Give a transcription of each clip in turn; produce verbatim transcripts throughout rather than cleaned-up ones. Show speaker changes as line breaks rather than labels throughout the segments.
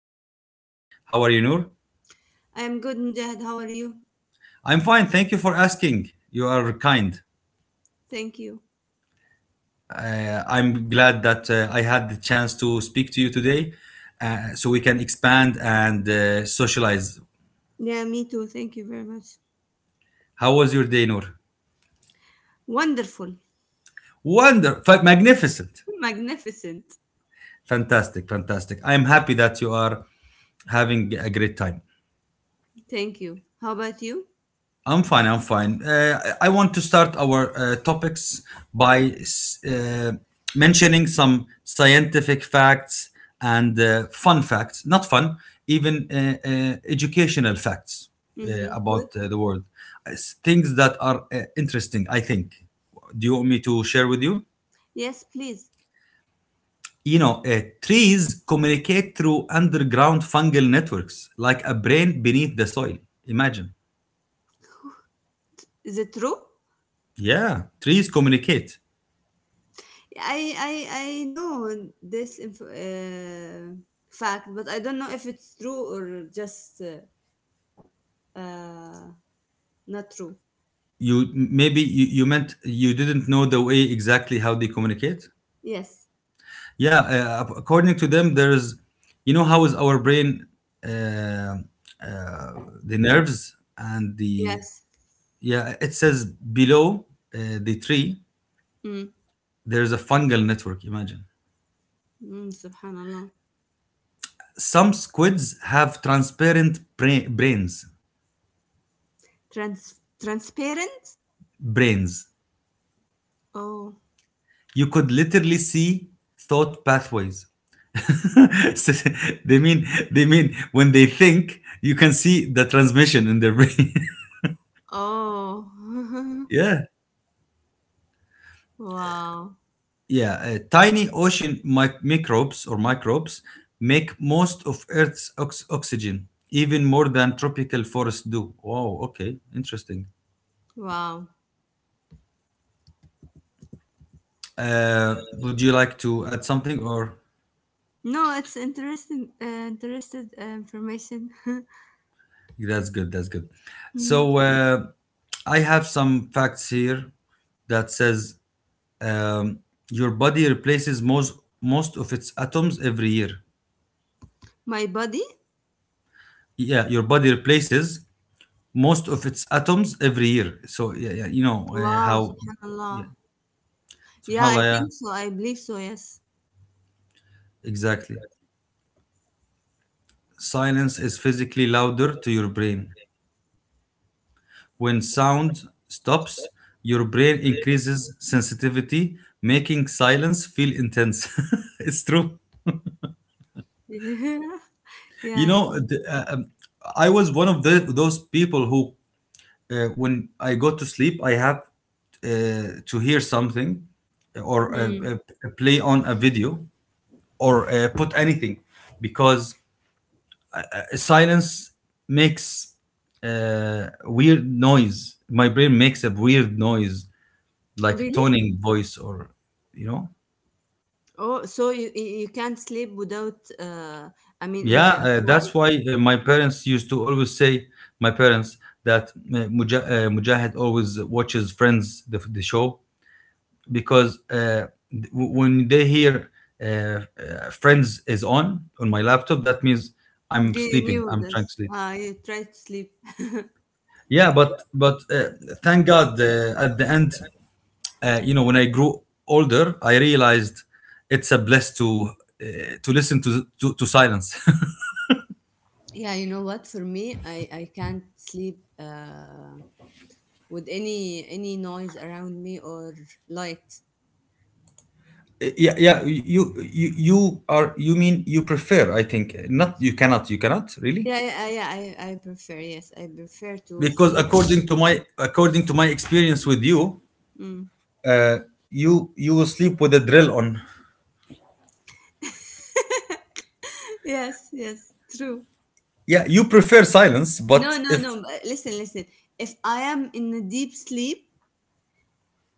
our guest. How are you, Noor?
I am good, Mujahid. How are you?
I'm fine. Thank you for asking. You are kind.
Thank you.
Uh, I'm glad that uh, I had the chance to speak to you today uh, so we can expand and uh, socialize.
Yeah, me too. Thank you very much.
How was your day, Noor?
Wonderful.
Wonder, fa- magnificent,
Magnificent.
fantastic, fantastic. I'm happy that you are having a great time.
Thank you. How about you?
I'm fine. I'm fine. Uh, I want to start our uh, topics by s- uh, mentioning some scientific facts and uh, fun facts, not fun, even uh, uh, educational facts uh,
Mm-hmm. Good.
about uh, the world. It's things that are uh, interesting, I think. Do you want me to share with you?
Yes, please.
You know, uh, trees communicate through underground fungal networks like a brain beneath the soil. Imagine.
Is it true?
Yeah, trees communicate.
I I I know this inf- uh, fact, but I don't know if it's true or just uh, uh, not true.
you maybe you, you meant you didn't know the way exactly how they communicate.
Yes.
Yeah, uh, ac- according to them, there's, you know, how is our brain, uh, uh, the nerves and the.
Yes.
Yeah, it says below uh, the tree
Mm.
there's a fungal network. Imagine.
Mm, Subhanallah.
Some squids have transparent bra- brains.
Trans transparent.
Brains.
Oh.
You could literally see thought pathways. So they mean, they mean when they think you can see the transmission in their brain.
Oh.
Yeah,
Wow.
yeah. Uh, tiny ocean mi- microbes or microbes make most of earth's ox- oxygen, even more than tropical forests do. Wow, okay, interesting.
Wow.
uh would you like to add something or.
No, it's interesting. Uh, interested uh, information.
That's good, that's good.
Mm.
So, uh I have some facts here that says, um, your body replaces most most of its atoms every year.
My body.
Yeah, your body replaces most of its atoms every year. So yeah, yeah, you know, uh,
Wow.
how.
Subhanallah.
Yeah.
Yeah, I
Subhanallah, yeah.
think so. I believe so. Yes.
Exactly. Silence is physically louder to your brain. When sound stops, your brain increases sensitivity, making silence feel intense. It's true.
Yeah. Yeah,
You
I
know,
think.
the, uh, um, I was one of the, those people who, uh, when I go to sleep, I have uh, to hear something, uh, or uh,
Mm.
uh, play on a video, or uh, put anything, because silence makes uh, weird noise. My brain makes a weird noise, like
Really?
toning voice, or, you know,
Oh, so you you you can't sleep without. Uh, I mean, in
yeah.
the
Uh,
why?
that's why uh, my parents used to always say, my parents, that uh, Muja- uh, Mujahid always watches Friends, the, the show, because uh, when they hear uh, uh, Friends is on on my laptop, that means I'm
They
sleeping.
knew
I'm trying to
this.
sleep.
Uh, you try to sleep.
Yeah, but but uh, thank God, uh, at the end, uh, you know, when I grew older, I realized it's a bless to, uh, to listen to to, to silence.
Yeah, you know what? For me, I I can't sleep uh, with any any noise around me or light.
Yeah, yeah. You, you you are, you mean you prefer? I think not. You cannot. You cannot really,
Yeah, yeah, yeah. I, I prefer. Yes, I prefer to
because
sleep in-
according to my, according to my experience with you,
Mm.
you you will sleep with a drill on.
Yes, yes, true.
Yeah, you prefer silence,
No,
but
no,
if.
no. but uh, Listen, listen. If I am in a deep sleep,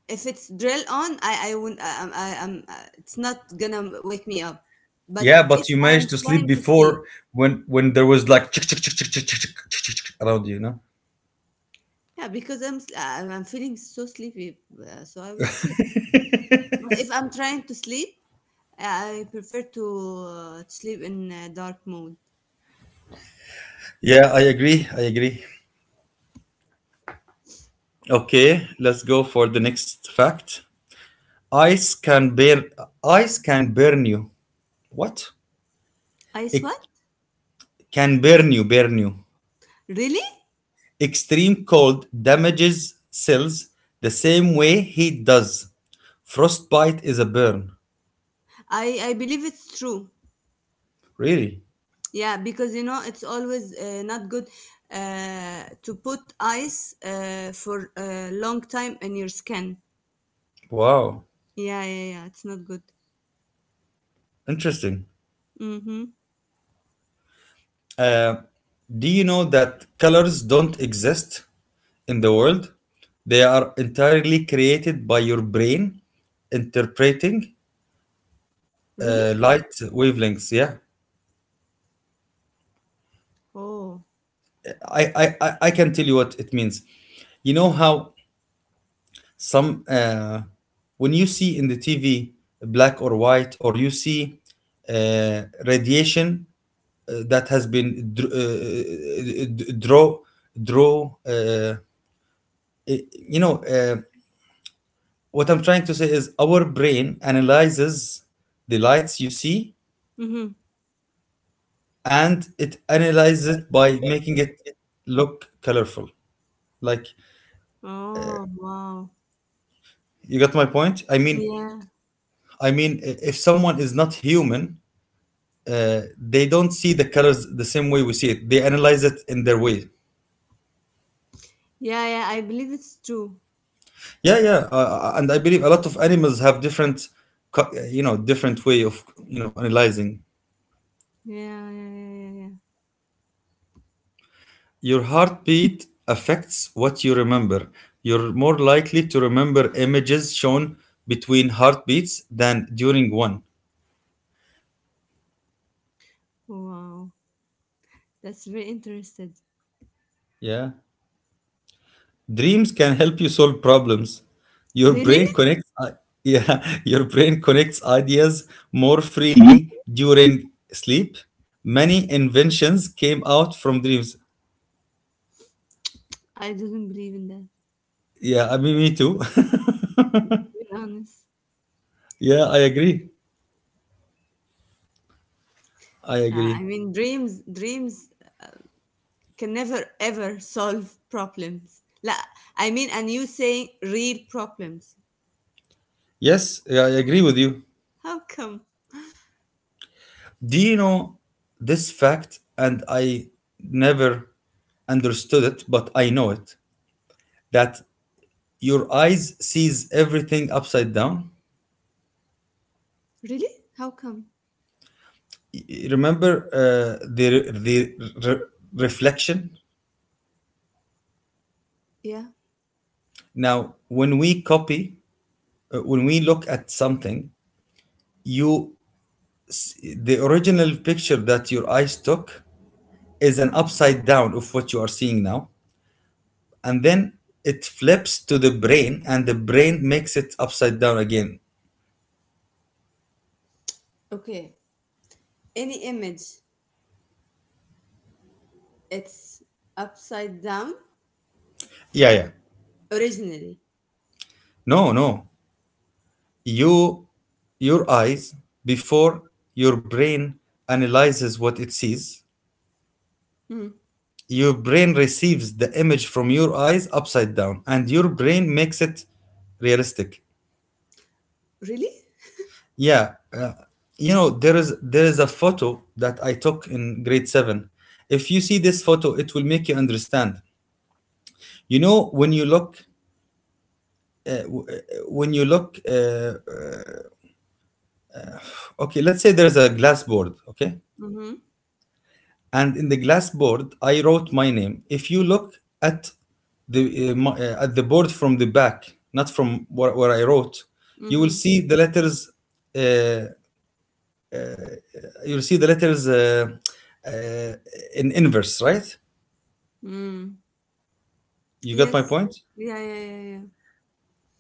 if it's drill on, I, I won't. I, I, I, I'm. Uh, it's not gonna wake me up. But
Yeah,
if
but you
I am
managed to sleep
trying to sleep,
before when when there was like chick chick chick chick chick chick chick chick chick chick around you, you know.
yeah, because I'm, s- I'm, I'm feeling so sleepy, uh, so I will sleep. But if I'm trying to sleep, I prefer to uh, sleep in uh, dark mode.
Yeah, I agree, I agree. Okay, let's go for the next fact. Ice can burn, ice can burn you. What?
I
It
what?
can burn you, burn you.
Really?
Extreme cold damages cells the same way heat does. Frostbite is a burn.
I I believe it's true.
Really.
Yeah, because you know it's always uh, not good uh, to put ice uh, for a long time in your skin.
Wow.
Yeah, yeah, yeah. It's not good.
Interesting.
Mm-hmm.
Uh, do you know that colors don't exist in the world? They are entirely created by your brain interpreting uh,
Really?
light wavelengths. Yeah,
Oh.
I, I, I I can tell you what it means. You know how some, uh, when you see in the T V black or white, or you see uh, radiation uh, that has been dr- uh, draw, draw. Uh, eh, you know, uh, what I'm trying to say is our brain analyzes the lights you see,
Mm-hmm.
and it analyzes it by making it look colorful, like.
Oh, wow.
You got my point, I mean,
Yeah.
I mean, i- if someone is not human, uh, they don't see the colors the same way we see it. They analyze it in their way.
Yeah, yeah. I believe it's true.
Yeah, yeah, uh, uh, and I believe a lot of animals have different co- you know, different way of, you know, analyzing.
Yeah, yeah, yeah, yeah, yeah.
Your heartbeat affects what you remember. You're more likely to remember images shown between heartbeats than during one.
Wow. That's very interesting.
Yeah. Dreams can help you solve problems. Your
Really?
brain connects i- yeah, your brain connects ideas more freely during sleep. Many inventions came out from dreams.
I didn't believe in that.
Yeah, I mean, me too.
To be honest.
Yeah, I agree. I
Uh, I
agree.
mean, dreams, dreams can never ever solve problems. La, I mean and you saying real problems.
Yes, yeah, I agree with you.
How come?
Do you know this fact? And I never understood it, but I know it, that your eyes sees everything upside down.
Really? How come?
Y- Remember uh, the the re- reflection.
Yeah.
Now, when we copy, uh, when we look at something, you, s- the original picture that your eyes took is an upside down of what you are seeing now, and then it flips to the brain, and the brain makes it upside down again.
Okay. Any image, it's upside down
Yeah, yeah.
originally.
No, no. You, your eyes, before your brain analyzes what it sees,
Mm.
your brain receives the image from your eyes upside down, and your brain makes it realistic.
Really?
Yeah, uh, you know, there is there is a photo that I took in grade seven. If you see this photo, it will make you understand. You know when you look, uh, w- uh, when you look. Uh, uh, okay, let's say there's a glass board. Okay,
Mm-hmm.
and in the glass board I wrote my name. If you look at the uh, my, uh, at the board from the back, not from where, where I wrote, you will
Mm-hmm.
see the letters. Uh, you'll see the letters uh, uh, in inverse, right?
Mm.
You got my
Yes.
point.
Yeah, yeah, yeah, yeah.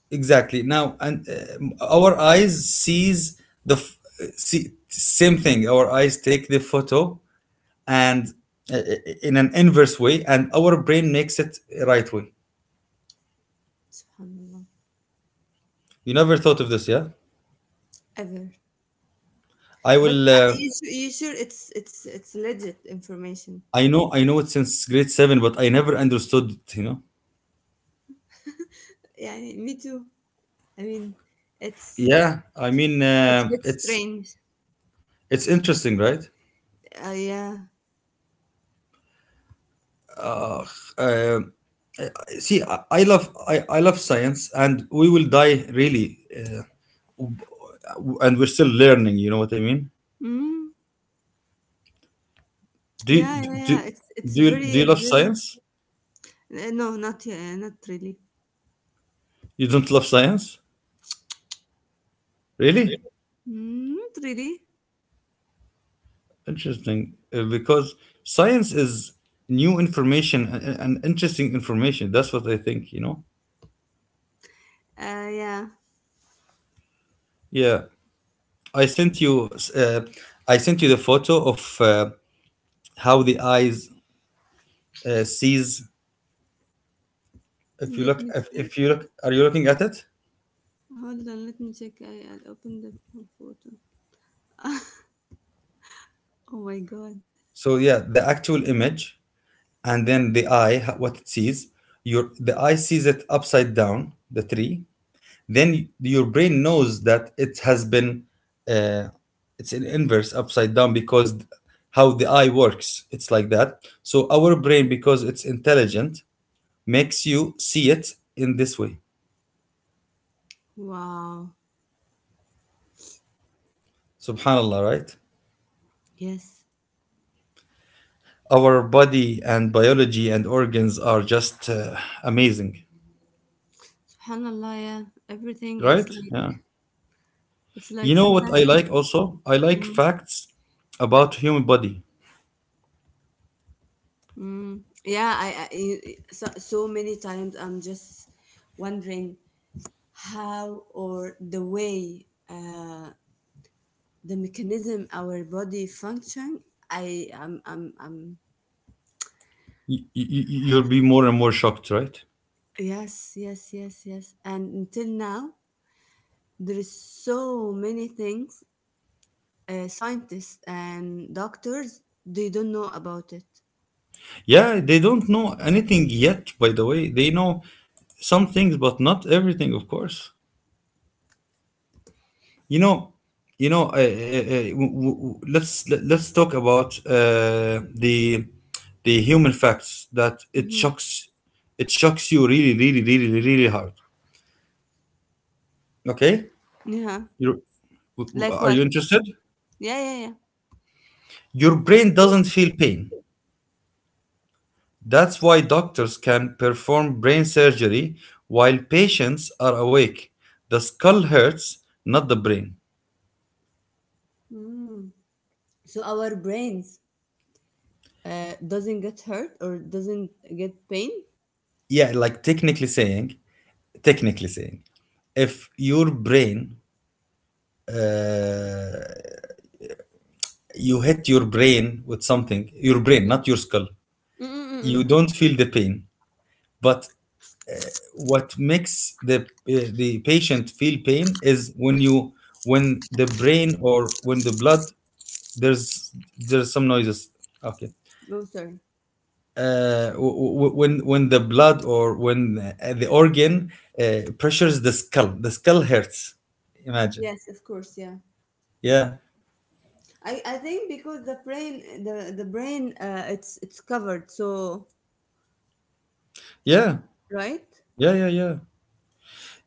Exactly. Now, and uh, our eyes sees the f- see, same thing. Our eyes take the photo and, uh, in an inverse way, and our brain makes it right way.
Subhanallah.
You never thought of this, yeah?
Ever.
I
But
will.
uh,
Uh,
you sure, you sure it's it's it's legit information.
I know. I know it since grade seven, but I never understood it. You know.
Yeah, me too. I mean, it's
Yeah. I mean,
it's a
uh,
bit
it's
strange.
it's interesting, right?
Uh, yeah.
Uh, See, I, I love I, I love science, and we will die, really, uh, and we're still learning. You know what I mean?
Mm.
Do you-
Yeah, yeah,
do
yeah. It's it's
do you, do you
very,
love
very.
science?
Uh, no, not yeah, not really.
You don't love science, really?
Mm, not really.
Interesting, uh, because science is new information and, and interesting information. That's what I think. You know?
Uh, yeah.
Yeah. I sent you, uh, I sent you the photo of uh, how the eyes uh, sees. If you
Let
look,
me
if,
check.
if you look, are you looking at it?
Hold on. Let me check. I I'll open the photo. Oh my God.
So yeah, the actual image, and then the eye, ho- what it sees. Your The eye sees it upside down, the tree. Then your brain knows that it has been, uh, it's an inverse upside down, because how the eye works, it's like that. So our brain, because it's intelligent, makes you see it in this way.
Wow.
Subhanallah, right?
Yes.
Our body and biology and organs are just uh, amazing,
Subhanallah. Yeah. Everything. It's
right? Yeah.
like it's
You
like
know what I
fantastic.
like also? I like
Mm.
facts about human body.
Mm. Yeah. I, I I- so so many times I'm just wondering how or the way. Uh, the mechanism our body function i am um, am.
Y- y- you'll be more and more shocked, right?
Yes, yes, yes, yes, and until now there is so many things uh, scientists and doctors they don't know about it.
Yeah, they don't know anything yet, by the way. They know some things, but not everything, of course. You know, you know. Uh, uh, uh, w- w- let's let, let's talk about uh, the the human facts that it
Hmm.
shocks, it shocks you really, really, really, really, really hard. Okay,
Yeah.
you
Like
are
what?
you interested?
Yeah, yeah, yeah.
Your brain doesn't feel pain. That's why doctors can perform brain surgery while patients are awake. The skull hurts, not the brain.
Mm. So our brains uh, doesn't get hurt or doesn't get pain.
Yeah, like technically saying, technically saying, if your brain, uh, you hit your brain with something, your brain, not your skull. You
Mm-mm-mm.
don't feel the pain. But what makes the, uh, the patient feel pain is when you, when the brain or when the blood, there's there's some noises. Okay.
Oh, sorry.
Uh, w- w- when when the blood or when, uh, the organ uh, pressures the skull, the skull hurts. Imagine.
Yes, of course, yeah.
Yeah.
I, I think because the brain the the brain uh, it's it's covered, so
Yeah.
right.
Yeah. Yeah. Yeah.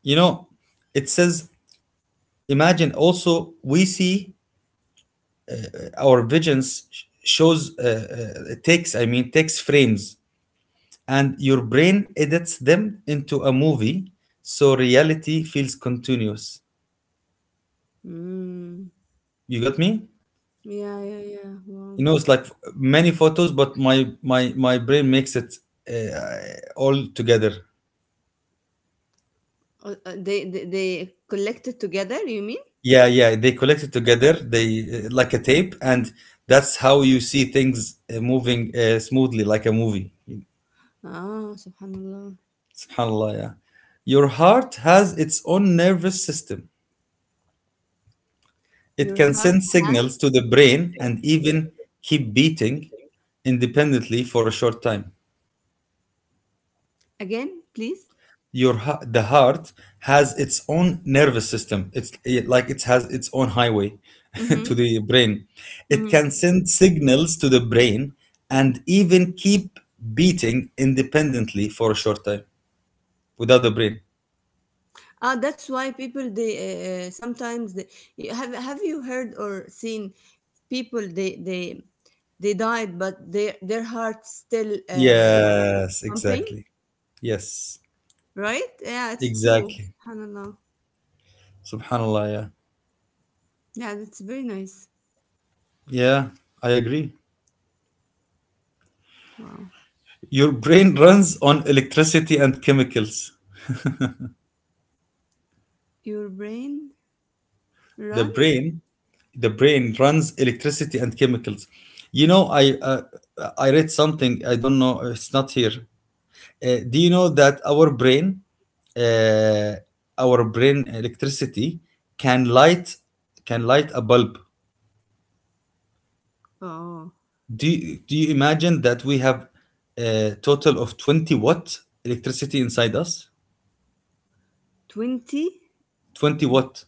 You know, it says, imagine also, we see our visions shows, uh, uh, takes, I mean, text frames, and your brain edits them into a movie, so reality feels continuous.
Mm.
You got me.
Yeah, yeah, yeah, wow.
You know, it's like many photos, but my my my brain makes it uh, all together.
Uh, uh, they, they they collected together, you mean?
Yeah, yeah, they collect it together, they, uh, like a tape, and that's how you see things uh, moving uh, smoothly, like a movie.
Ah, subhanallah.
Subhanallah, yeah. Your heart has its own nervous system. It
Your
can
heart
send
had?
signals to the brain and even keep beating independently for a short time.
Again, please.
Your hea- the heart has its own nervous system. It's it- like it has its own highway
Mm-hmm.
to the brain. It
Mm-hmm.
can send signals to the brain and even keep beating independently for a short time without the brain.
Ah, that's why people they uh, uh, sometimes they you- have have you heard or seen people they they they died but their their hearts still uh,
Yes,
pumping?
exactly. Yes,
Right? Yeah, it's true.
exactly.
SubhanAllah.
Subhanallah, yeah.
Yeah, that's very nice.
Yeah, I agree.
Wow.
Your brain runs on electricity and chemicals.
Your brain
The
runs?
brain, the brain runs electricity and chemicals. You know, I uh, I read something. I don't know. It's not here. Uh, do you know that our brain, uh, our brain electricity can light can light a bulb?
Oh,
Do you, do you imagine that we have a total of twenty watt electricity inside us?
twenty.
Twenty watt.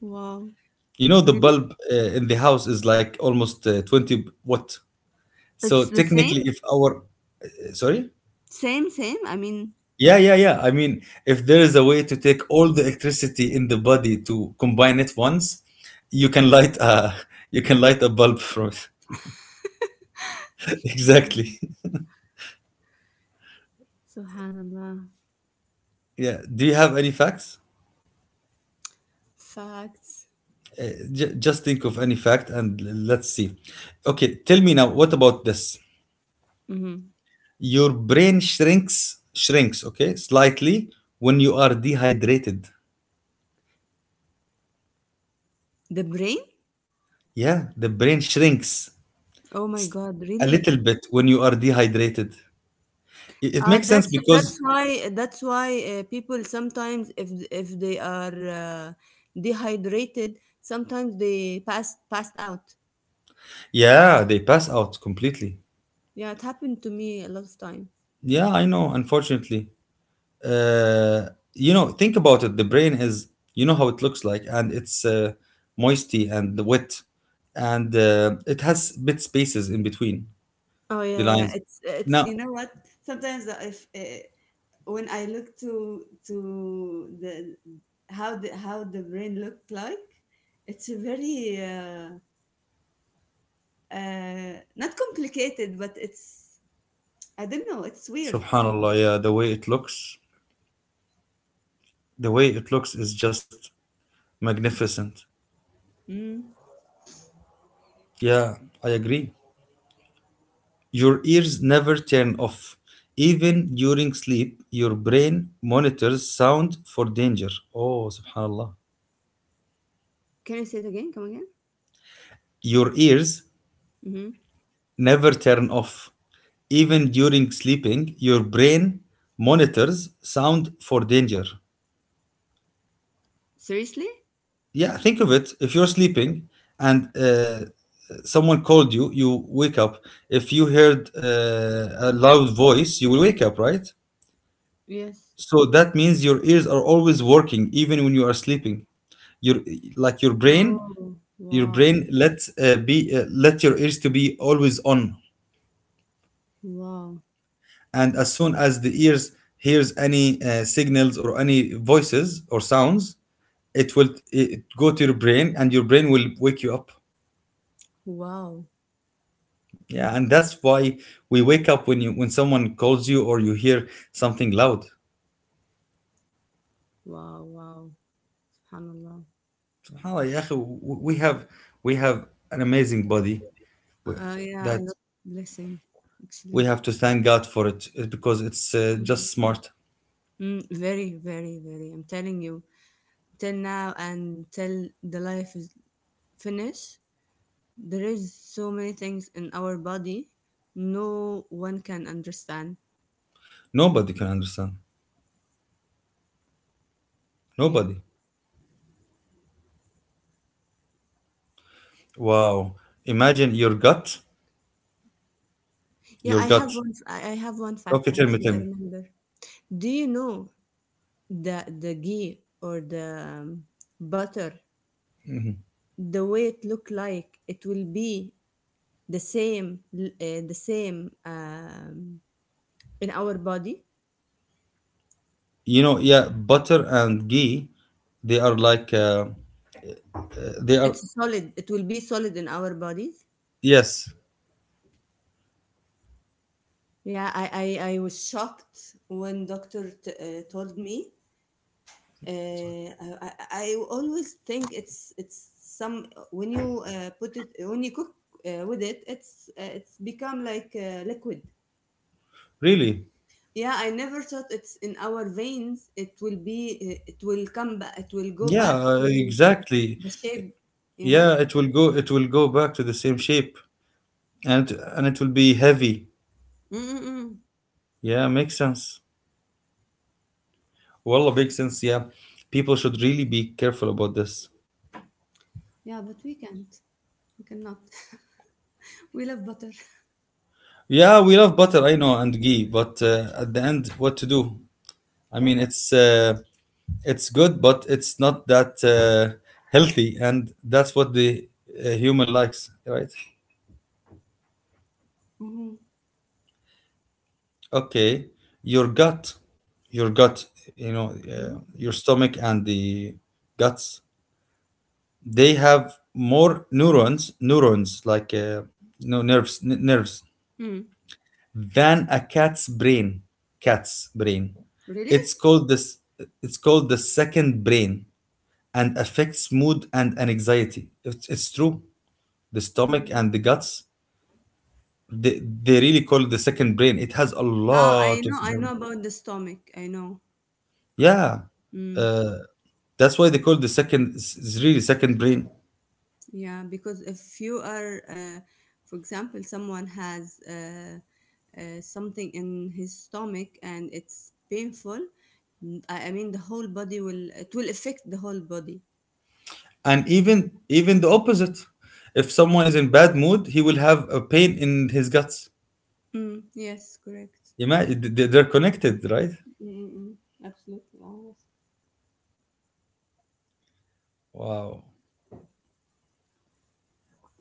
Wow.
You know the
Really?
bulb uh, in the house is like almost uh, twenty watt. So
It's the same?
technically if our uh, sorry.
Same, same. I mean,
Yeah yeah yeah I mean, if there is a way to take all the electricity in the body to combine it once, you can light a you can light a bulb from it. Exactly.
mm. SubhanAllah.
Yeah, do you have any facts?
Facts.
Uh, j- just think of any fact and l- let's see. Okay, tell me now, what about this?
Mm-hmm.
Your brain shrinks shrinks, okay, slightly when you are dehydrated.
The brain?
Yeah, the brain shrinks
Oh my God,
a
really?
little bit when you are dehydrated. It, it
Uh,
makes sense
that's
because,
that's why that's why uh, people sometimes if if they are uh, dehydrated sometimes they pass passed out.
yeah, they pass out completely.
Yeah, it happened to me a lot of time.
Yeah, I know, unfortunately. Uh, you know, think about it. The brain is, you know how it looks like, and it's uh, moisty and wet, and uh, it has bit spaces in between
Oh
the
yeah, yeah.
lines.
It's it's you
Now,
know what? Sometimes uh, if uh, when I look to to the how the how the brain looked like, it's a very uh, uh, not complicated, but it's I don't know. It's weird.
subhanallah, yeah, the way it looks, the way it looks is just magnificent.
Mm.
Yeah, I agree. Your ears never turn off. Even during sleep, your brain monitors sound for danger. Oh, subhanallah.
Can you say it again? Come again?
Your ears
Mm-hmm.
never turn off. Even during sleeping, your brain monitors sound for danger.
Seriously?
Yeah, think of it. If you're sleeping and uh, someone called you, you wake up. If you heard uh, a loud voice, you will wake up, right?
Yes.
So that means your ears are always working, even when you are sleeping. Your like your brain,
Oh,
your
wow,
brain lets uh, be uh, let your ears to be always on.
wow,
And as soon as the ears hears any uh, signals or any voices or sounds, it will it go to your brain, and your brain will wake you up.
wow,
Yeah, and that's why we wake up when you when someone calls you or you hear something loud.
wow, wow. Subhanallah.
SubhanAllah, يا أخي, we have we have an amazing body. We—
Uh, yeah, I
that
love blessing,
we
actually.
have to thank God for it uh, because it's uh,
Um,
just smart.
Mm, very, very, very. I'm telling you, till now and till the life is finished, there is so many things in our body no one can understand.
Nobody can understand.
Yeah.
Nobody. Wow. Imagine your gut.
Yeah,
Your
I
gut.
have one I I have one
Okay,
fact,
tell me,
actually,
tell
I
me.
remember. Do you know the the ghee or the um, butter, the way it look like, it will be the same uh, the same um in our body?
You know, yeah, butter and ghee, they are like, uh, uh, they are,
It's solid. It will be solid in our bodies.
yes,
Yeah, I I, I was shocked when doctor t- uh, told me. Uh, I, I I always think it's it's some when you uh, put it when you cook uh, with it, it's uh, it's become like uh, liquid.
really.
Yeah, I never thought it's in our veins. It will be. Uh, it will come back. It will go
Yeah,
back
uh,
to
exactly.
the shape. You know.
Yeah, it will go, it will go back to the same shape and, and it will be heavy.
Mm-mm-mm.
Yeah, makes sense. Wallah, makes sense. Yeah. People should really be careful about this.
Yeah, but we can't. We cannot. We love butter.
Yeah, we love butter, I know, and ghee, but uh, at the end, what to do? I mean, it's uh, it's good, but it's not that uh, healthy, and that's what the uh, human likes, right?
Mhm.
Okay, your gut, your gut, you know,
Mhm.
uh, your stomach and the guts, they have more neurons, neurons like uh, you know, nerves, n- nerves
Mm.
than a cat's brain. Cat's brain.
Really?
It's called this. It's called the second brain and affects mood and anxiety. It's, it's true. The stomach and the
Mm.
guts. They, they really call it the second brain. It has a
Ah, I
lot
know,
of
I
brain.
know about the stomach. I know.
Yeah,
Mm.
uh, that's why they call it the second. It's it's really second brain.
Yeah, because if you are, uh, for example, someone has uh, uh, something in his stomach and it's painful, n- I I mean, the whole body will, it will affect the whole body.
And even even the opposite. If someone is in bad mood, he will have a pain in his guts.
Mm. Yes, correct.
Imagine they're connected, right?
Mm-mm. Absolutely, ah, yes.
Wow.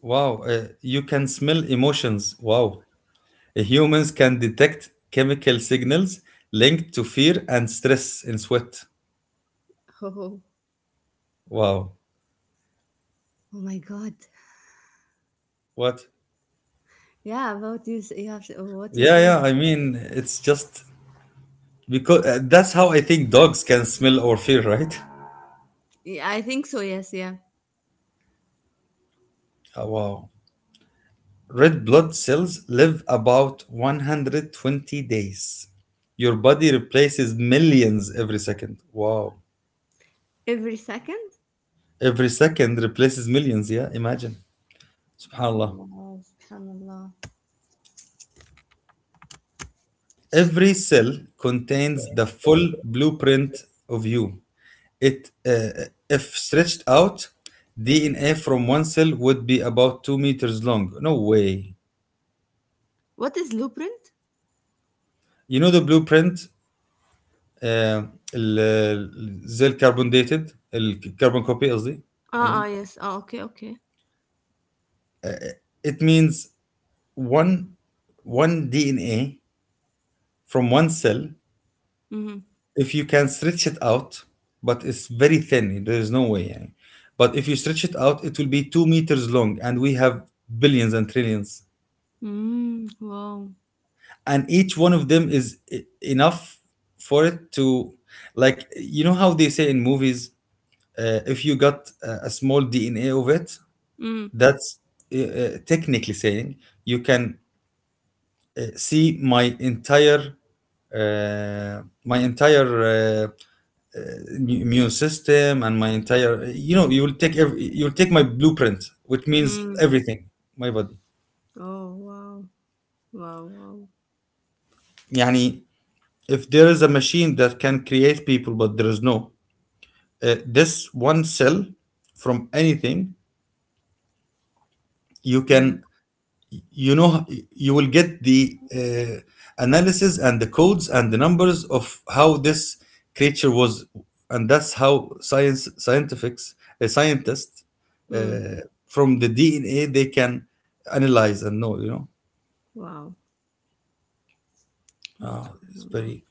Wow, uh, you can smell emotions. Wow. Uh, humans can detect chemical signals linked to fear and stress in sweat.
Oh,
Wow.
oh my God.
What?
Yeah, about you, s- you have, to- what you
Yeah,
say.
yeah, I mean, it's just because uh, that's how I think dogs can smell our fear, right?
Yeah, I think so, yes, yeah.
Oh, wow. Red blood cells live about one hundred twenty days. Your body replaces millions every second. Wow.
Every second?
Every second replaces millions, yeah? Imagine. SubhanAllah.
Allah, subhanallah. Sh-
Every cell contains the full blueprint of you. It, uh, if stretched out, D N A from one cell would be about two meters long. No way.
What is blueprint?
You know the blueprint, uh, ال- ال- زي الكربون ديتد الكربون كوبي قصدي. I
Ah,
mean,
ah, yes. Ah, okay, okay.
it means one one D N A from one cell,
Mm-hmm.
if you can stretch it out, but it's very thin. There is no way. يعني. But if you stretch it out, it will be two meters long, and we have billions and trillions,
Mm, wow.
and each one of them is e- enough for it to, like you know how they say in movies, uh, if you got a, a small D N A of it,
Mm,
that's uh, uh, technically saying you can uh, see my entire uh, my entire uh, uh, immune system and my entire you know, you will take every, you'll take my blueprint, which means
mm.
everything, my body.
Oh, wow. Wow, wow.
يعني, if there is a machine that can create people, but there is no uh, this one cell from anything, you
Mm,
can, you know, you will get the uh, analysis and the codes and the numbers of how this creature was. And that's how science scientifics a scientist,
mm.
uh, from the DNA, they can analyze and know, you know.
Wow. Wow,
It's
subhanallah.
very—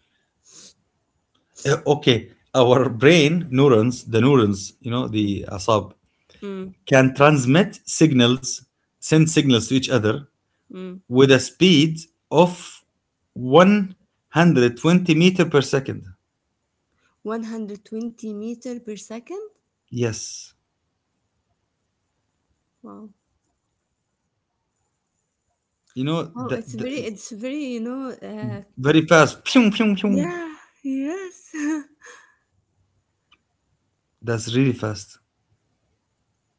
Uh, okay, our brain neurons the neurons, you know,
Mm,
the asab,
mm,
can transmit signals, send signals to each other
mm.
with a speed of one hundred twenty meter per second.
one hundred twenty meter per second?
Yes.
Wow.
You know,
Oh,
the,
it's very,
the
it's very, you know, uh,
Very fast. Pew, pew, pew.
yeah, yes.
That's really fast.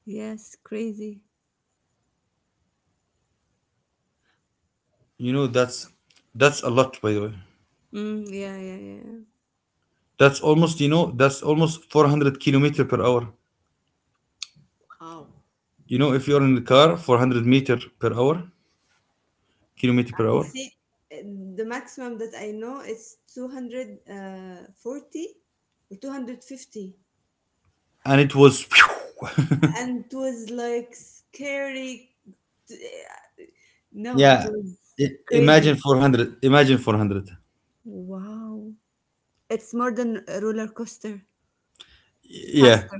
Yes, crazy.
You know, that's— that's a lot, by the way.
Mm, yeah, yeah, yeah.
That's almost, you know, that's almost four hundred kilometer per hour.
Wow.
You know, if you're in the car, four hundred meter per hour, kilometer per
I
hour.
say uh, the maximum that I know is two hundred forty or two hundred fifty.
And it was, pew,
And it was like scary. No, it
yeah.
was
I- imagine
crazy.
four hundred. Imagine four hundred.
Wow. It's more than a roller coaster.
Yeah,
Faster.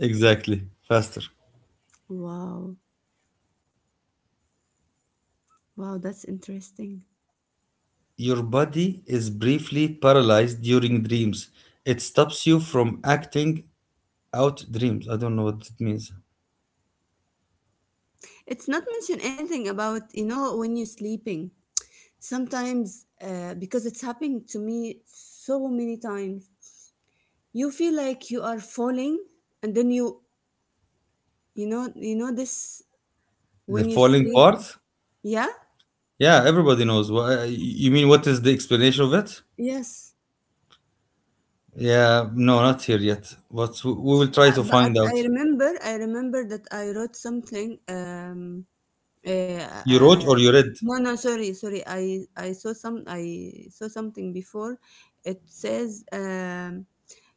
exactly. Faster.
Wow. Wow, that's interesting.
Your body is briefly paralyzed during dreams. It stops you from acting out dreams. I don't know what it means.
It's not mentioned anything about, you know, when you're sleeping. Sometimes, uh, because it's happened to me so many times, you feel like you are falling and then you You know, you know this
The
when you
falling
sleep.
path?
Yeah,
Yeah, everybody knows. Wha- uh, You mean what is the explanation of it?
yes.
Yeah, no, not here yet. But we will try
Uh,
to
but
find out.
I remember, I remember that I wrote something. Um, uh,
You
uh,
wrote
uh,
or you read?
no, no, sorry, sorry. I I saw some. I saw something before. It says um,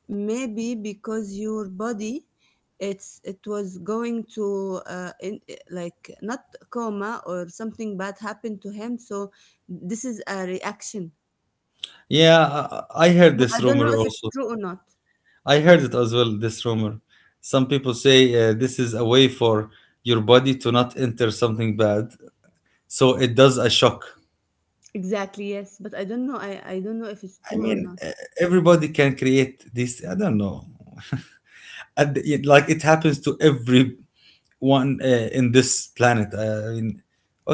maybe because your body, it's it was going to uh, in, eh, like not coma or something bad happened to him. So this is a reaction.
Yeah, I I heard
But
this
I don't
rumor
know if it's
also.
true or not.
I heard it as well, this rumor. Some people say uh, this is a way for your body to not enter something bad. So it does a shock.
Exactly, yes, but I don't know I I don't know if it's
I
true or
mean,
not.
uh, everybody can create this. I don't know. And it— like it happens to every one uh, in this planet. uh, I mean,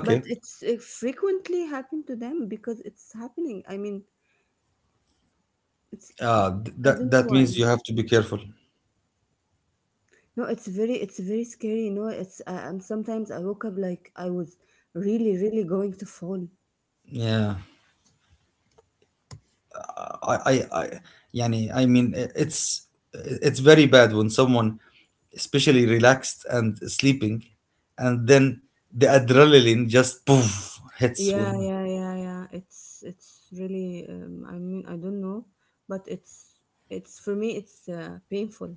But it's it frequently happened to them because it's happening. I mean, it's
uh, th-
I
that
don't know
that means
why.
you have to be careful.
No, it's very it's very scary, you know. It's uh, um, sometimes I woke up like I was really really going to fall.
Yeah, I, I, I, yani, I mean, i- it's— it's very bad when someone, especially relaxed and sleeping, and then the adrenaline just poof
Yeah,
hits
yeah,
when—
yeah, yeah. It's it's really um, I mean, I don't know, but it's it's for me it's uh, painful.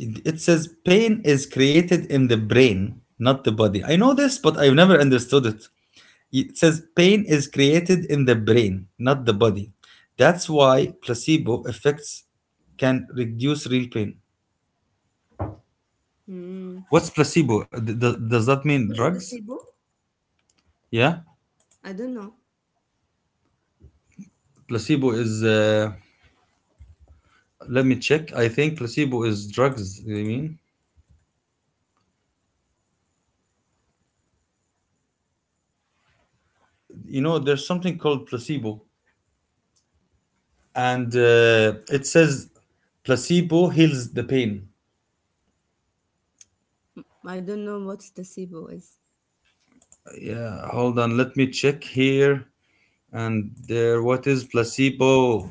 it, it says pain is created in the brain, not the body. I know this, but I've never understood it. It says pain is created in the brain, not the body. That's why placebo effects can reduce real pain.
Mm.
What's placebo? D- d- does that mean
What is the
drugs?
S I B O?
Yeah,
I don't know.
placebo is— uh, let me check. I think placebo is drugs. I mean, you know, there's something called placebo, and uh, it says placebo heals the pain.
I don't know what the S I B O is.
Yeah, hold on. Let me check here. And there, what is placebo?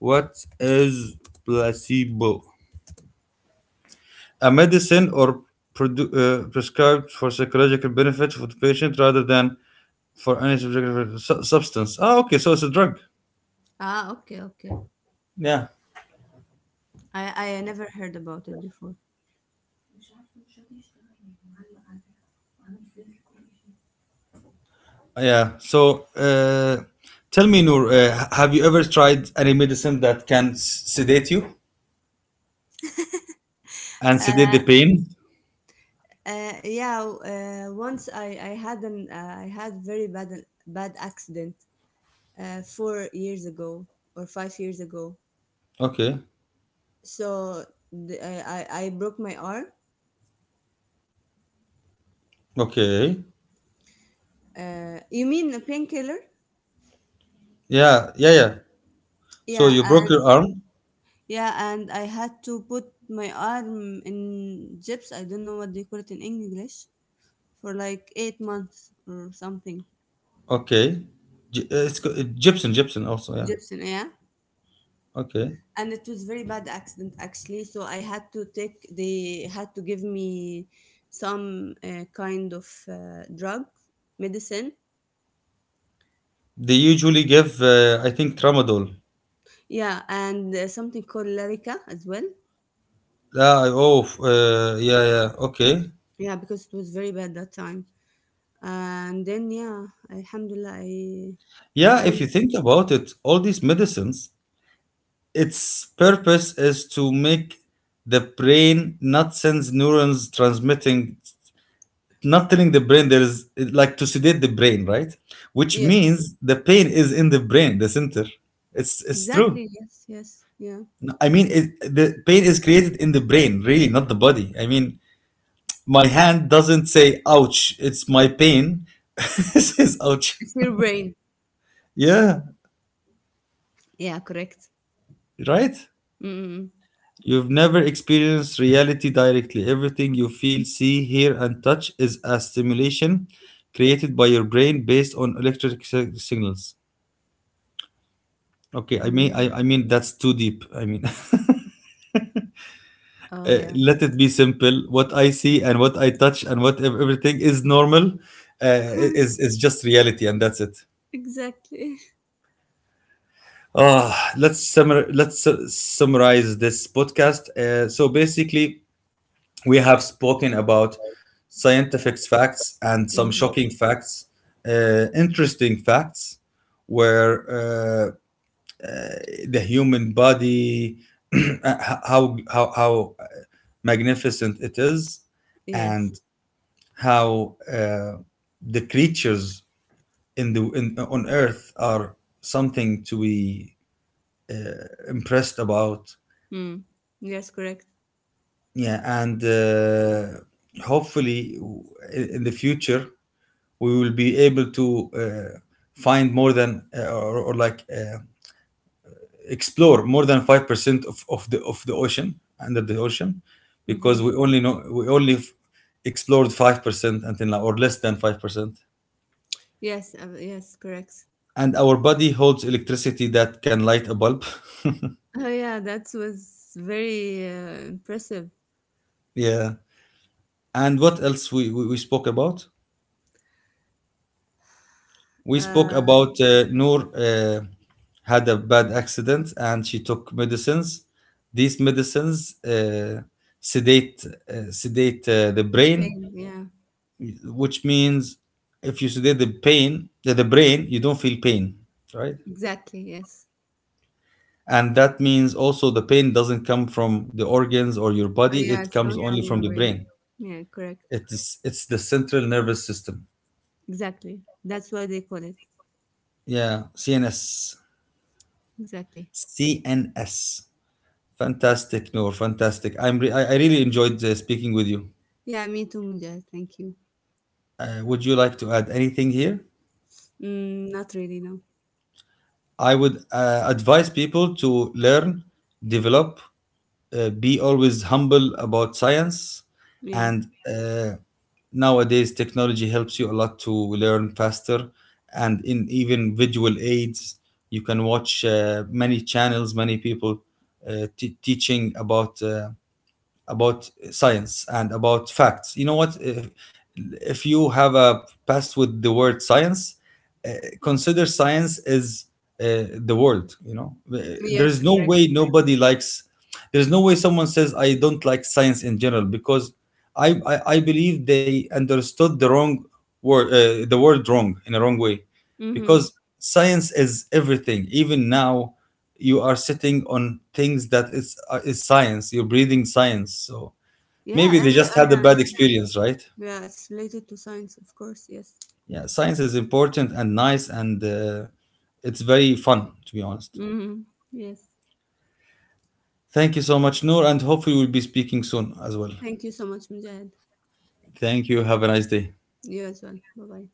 What is placebo? A medicine or produ- uh, prescribed for psychological benefit for the patient rather than for any subjective su- substance. Ah, okay, so it's a drug.
Ah, okay, okay.
Yeah.
I, I never heard about it before.
Yeah. So, uh, tell me, Noor, uh, h- have you ever tried any medicine that can s- sedate you and sedate the
Uh,
pain?
uh, yeah, uh, once I, I had an uh, I had very bad bad accident uh, four years ago or five years ago.
Okay.
So the, I, I I broke my arm.
Okay.
Uh, you mean a painkiller?
Yeah. Yeah. Yeah. So
Yeah,
you broke
and
your arm.
yeah, and I had to put my arm in gyps. I don't know what they call it in English for like eight months or something.
Okay. Gy- uh, It's co- uh, gypsum, gypsum also, yeah.
Gypsum, yeah.
Okay.
And it was very bad accident, actually, so I had to take, they had to give me some uh, kind of uh, drug medicine.
They usually give, uh, I think, tramadol.
Yeah, and uh, something called larica as well.
Yeah, I- oh, f- uh, yeah, yeah, okay.
Yeah, because it was very bad that time. And then yeah, alhamdulillah, i
Yeah, if you
i'm
think about it, all these medicines, its purpose is to make the brain not sense neurons transmitting, not telling the brain there's— like to sedate the brain, right? Which
yes.
means the pain is in the brain, the center. It's it's true.
Exactly, yes, yes, yeah.
I mean, it, the pain is created in the brain, really, not the body. I mean, my hand doesn't say "ouch," it's my pain. It says "ouch."
It's your brain.
Yeah,
Yeah, correct.
right.
Mm.
You've never experienced reality directly. Everything you feel, see, hear, and touch is a stimulation created by your brain based on electric si- signals. Okay, I mean,
Mm.
I, I mean, that's too deep. I mean,
Oh
uh,
yeah.
let it be simple. What I see and what I touch and what ev- everything is normal uh, is— is just reality, and that's it.
Exactly.
Ah, let's summar- let's su- summarize this podcast. Uh, so basically, we have spoken about scientific facts and
That's
some
Mhm.
shocking facts, uh, interesting facts, where uh, the human body, how how how magnificent it is,
Yes.
and how uh, the creatures in the— in, on Earth are something to be impressed about.
Mm. Yes, correct.
Yeah, and uh, hopefully in in the future we will be able to uh, find more than uh, or, or like uh, explore more than five percent of— of the— of the ocean, under the ocean, because
Mm-hmm.
we only know— we only f- explored five percent until now, or less than five percent.
Yes, uh, yes, correct.
And our body holds electricity that can light a bulb.
Oh yeah, that was very uh, impressive.
Yeah, and what else we— we, we spoke about— we spoke
Uh,
about uh, Noor uh, had a bad accident and she took medicines. These medicines uh, sedate uh, sedate uh, the
the
brain,
pain, yeah,
which means if you sedate the pain the, the brain, you don't feel pain, right?
exactly, yes.
And that means also the pain doesn't come from the organs or your
Oh
body, it
yeah, it's
comes
coming
only
from
from the
your
brain.
brain. Yeah, correct,
It's— it's the central nervous system.
exactly. That's why they call it
Yeah, C N S,
exactly.
C N S. Fantastic, Noor. Fantastic. I'm re- I, I really enjoyed uh, speaking with you.
Yeah, me too, Mujahid. Thank you.
Uh, would you like to add anything here?
Mm, not really, no.
I would uh, advise people to learn, develop, uh, be always humble about science.
Yeah.
And uh, nowadays, technology helps you a lot to learn faster. And in even visual aids, you can watch uh, many channels, many people uh, t- teaching about uh, about science and about facts. You know what? If— if you have a past with the word science, uh, consider science as uh, the world. You know, there's
Yes,
no— Yes.
correct.
Way nobody likes. There's no way someone says I don't like science in general, because I I, I believe they understood the wrong word— uh, the word wrong in a wrong way,
Mm-hmm.
because science is everything. Even now you are sitting on things that is uh, is science. You're breathing science. So maybe
Yeah,
they
every uh,
just had a
yeah,
bad experience, right?
yeah, yeah. It's related to science, of course. Yes.
Yeah, science is important and nice, and uh, it's very fun, to be honest.
Mm-hmm. Yes.
Thank you so much, Noor, and hopefully we'll be speaking soon as well.
Thank you so much, Mujahid.
Thank you, have a nice day.
You as well. Bye bye.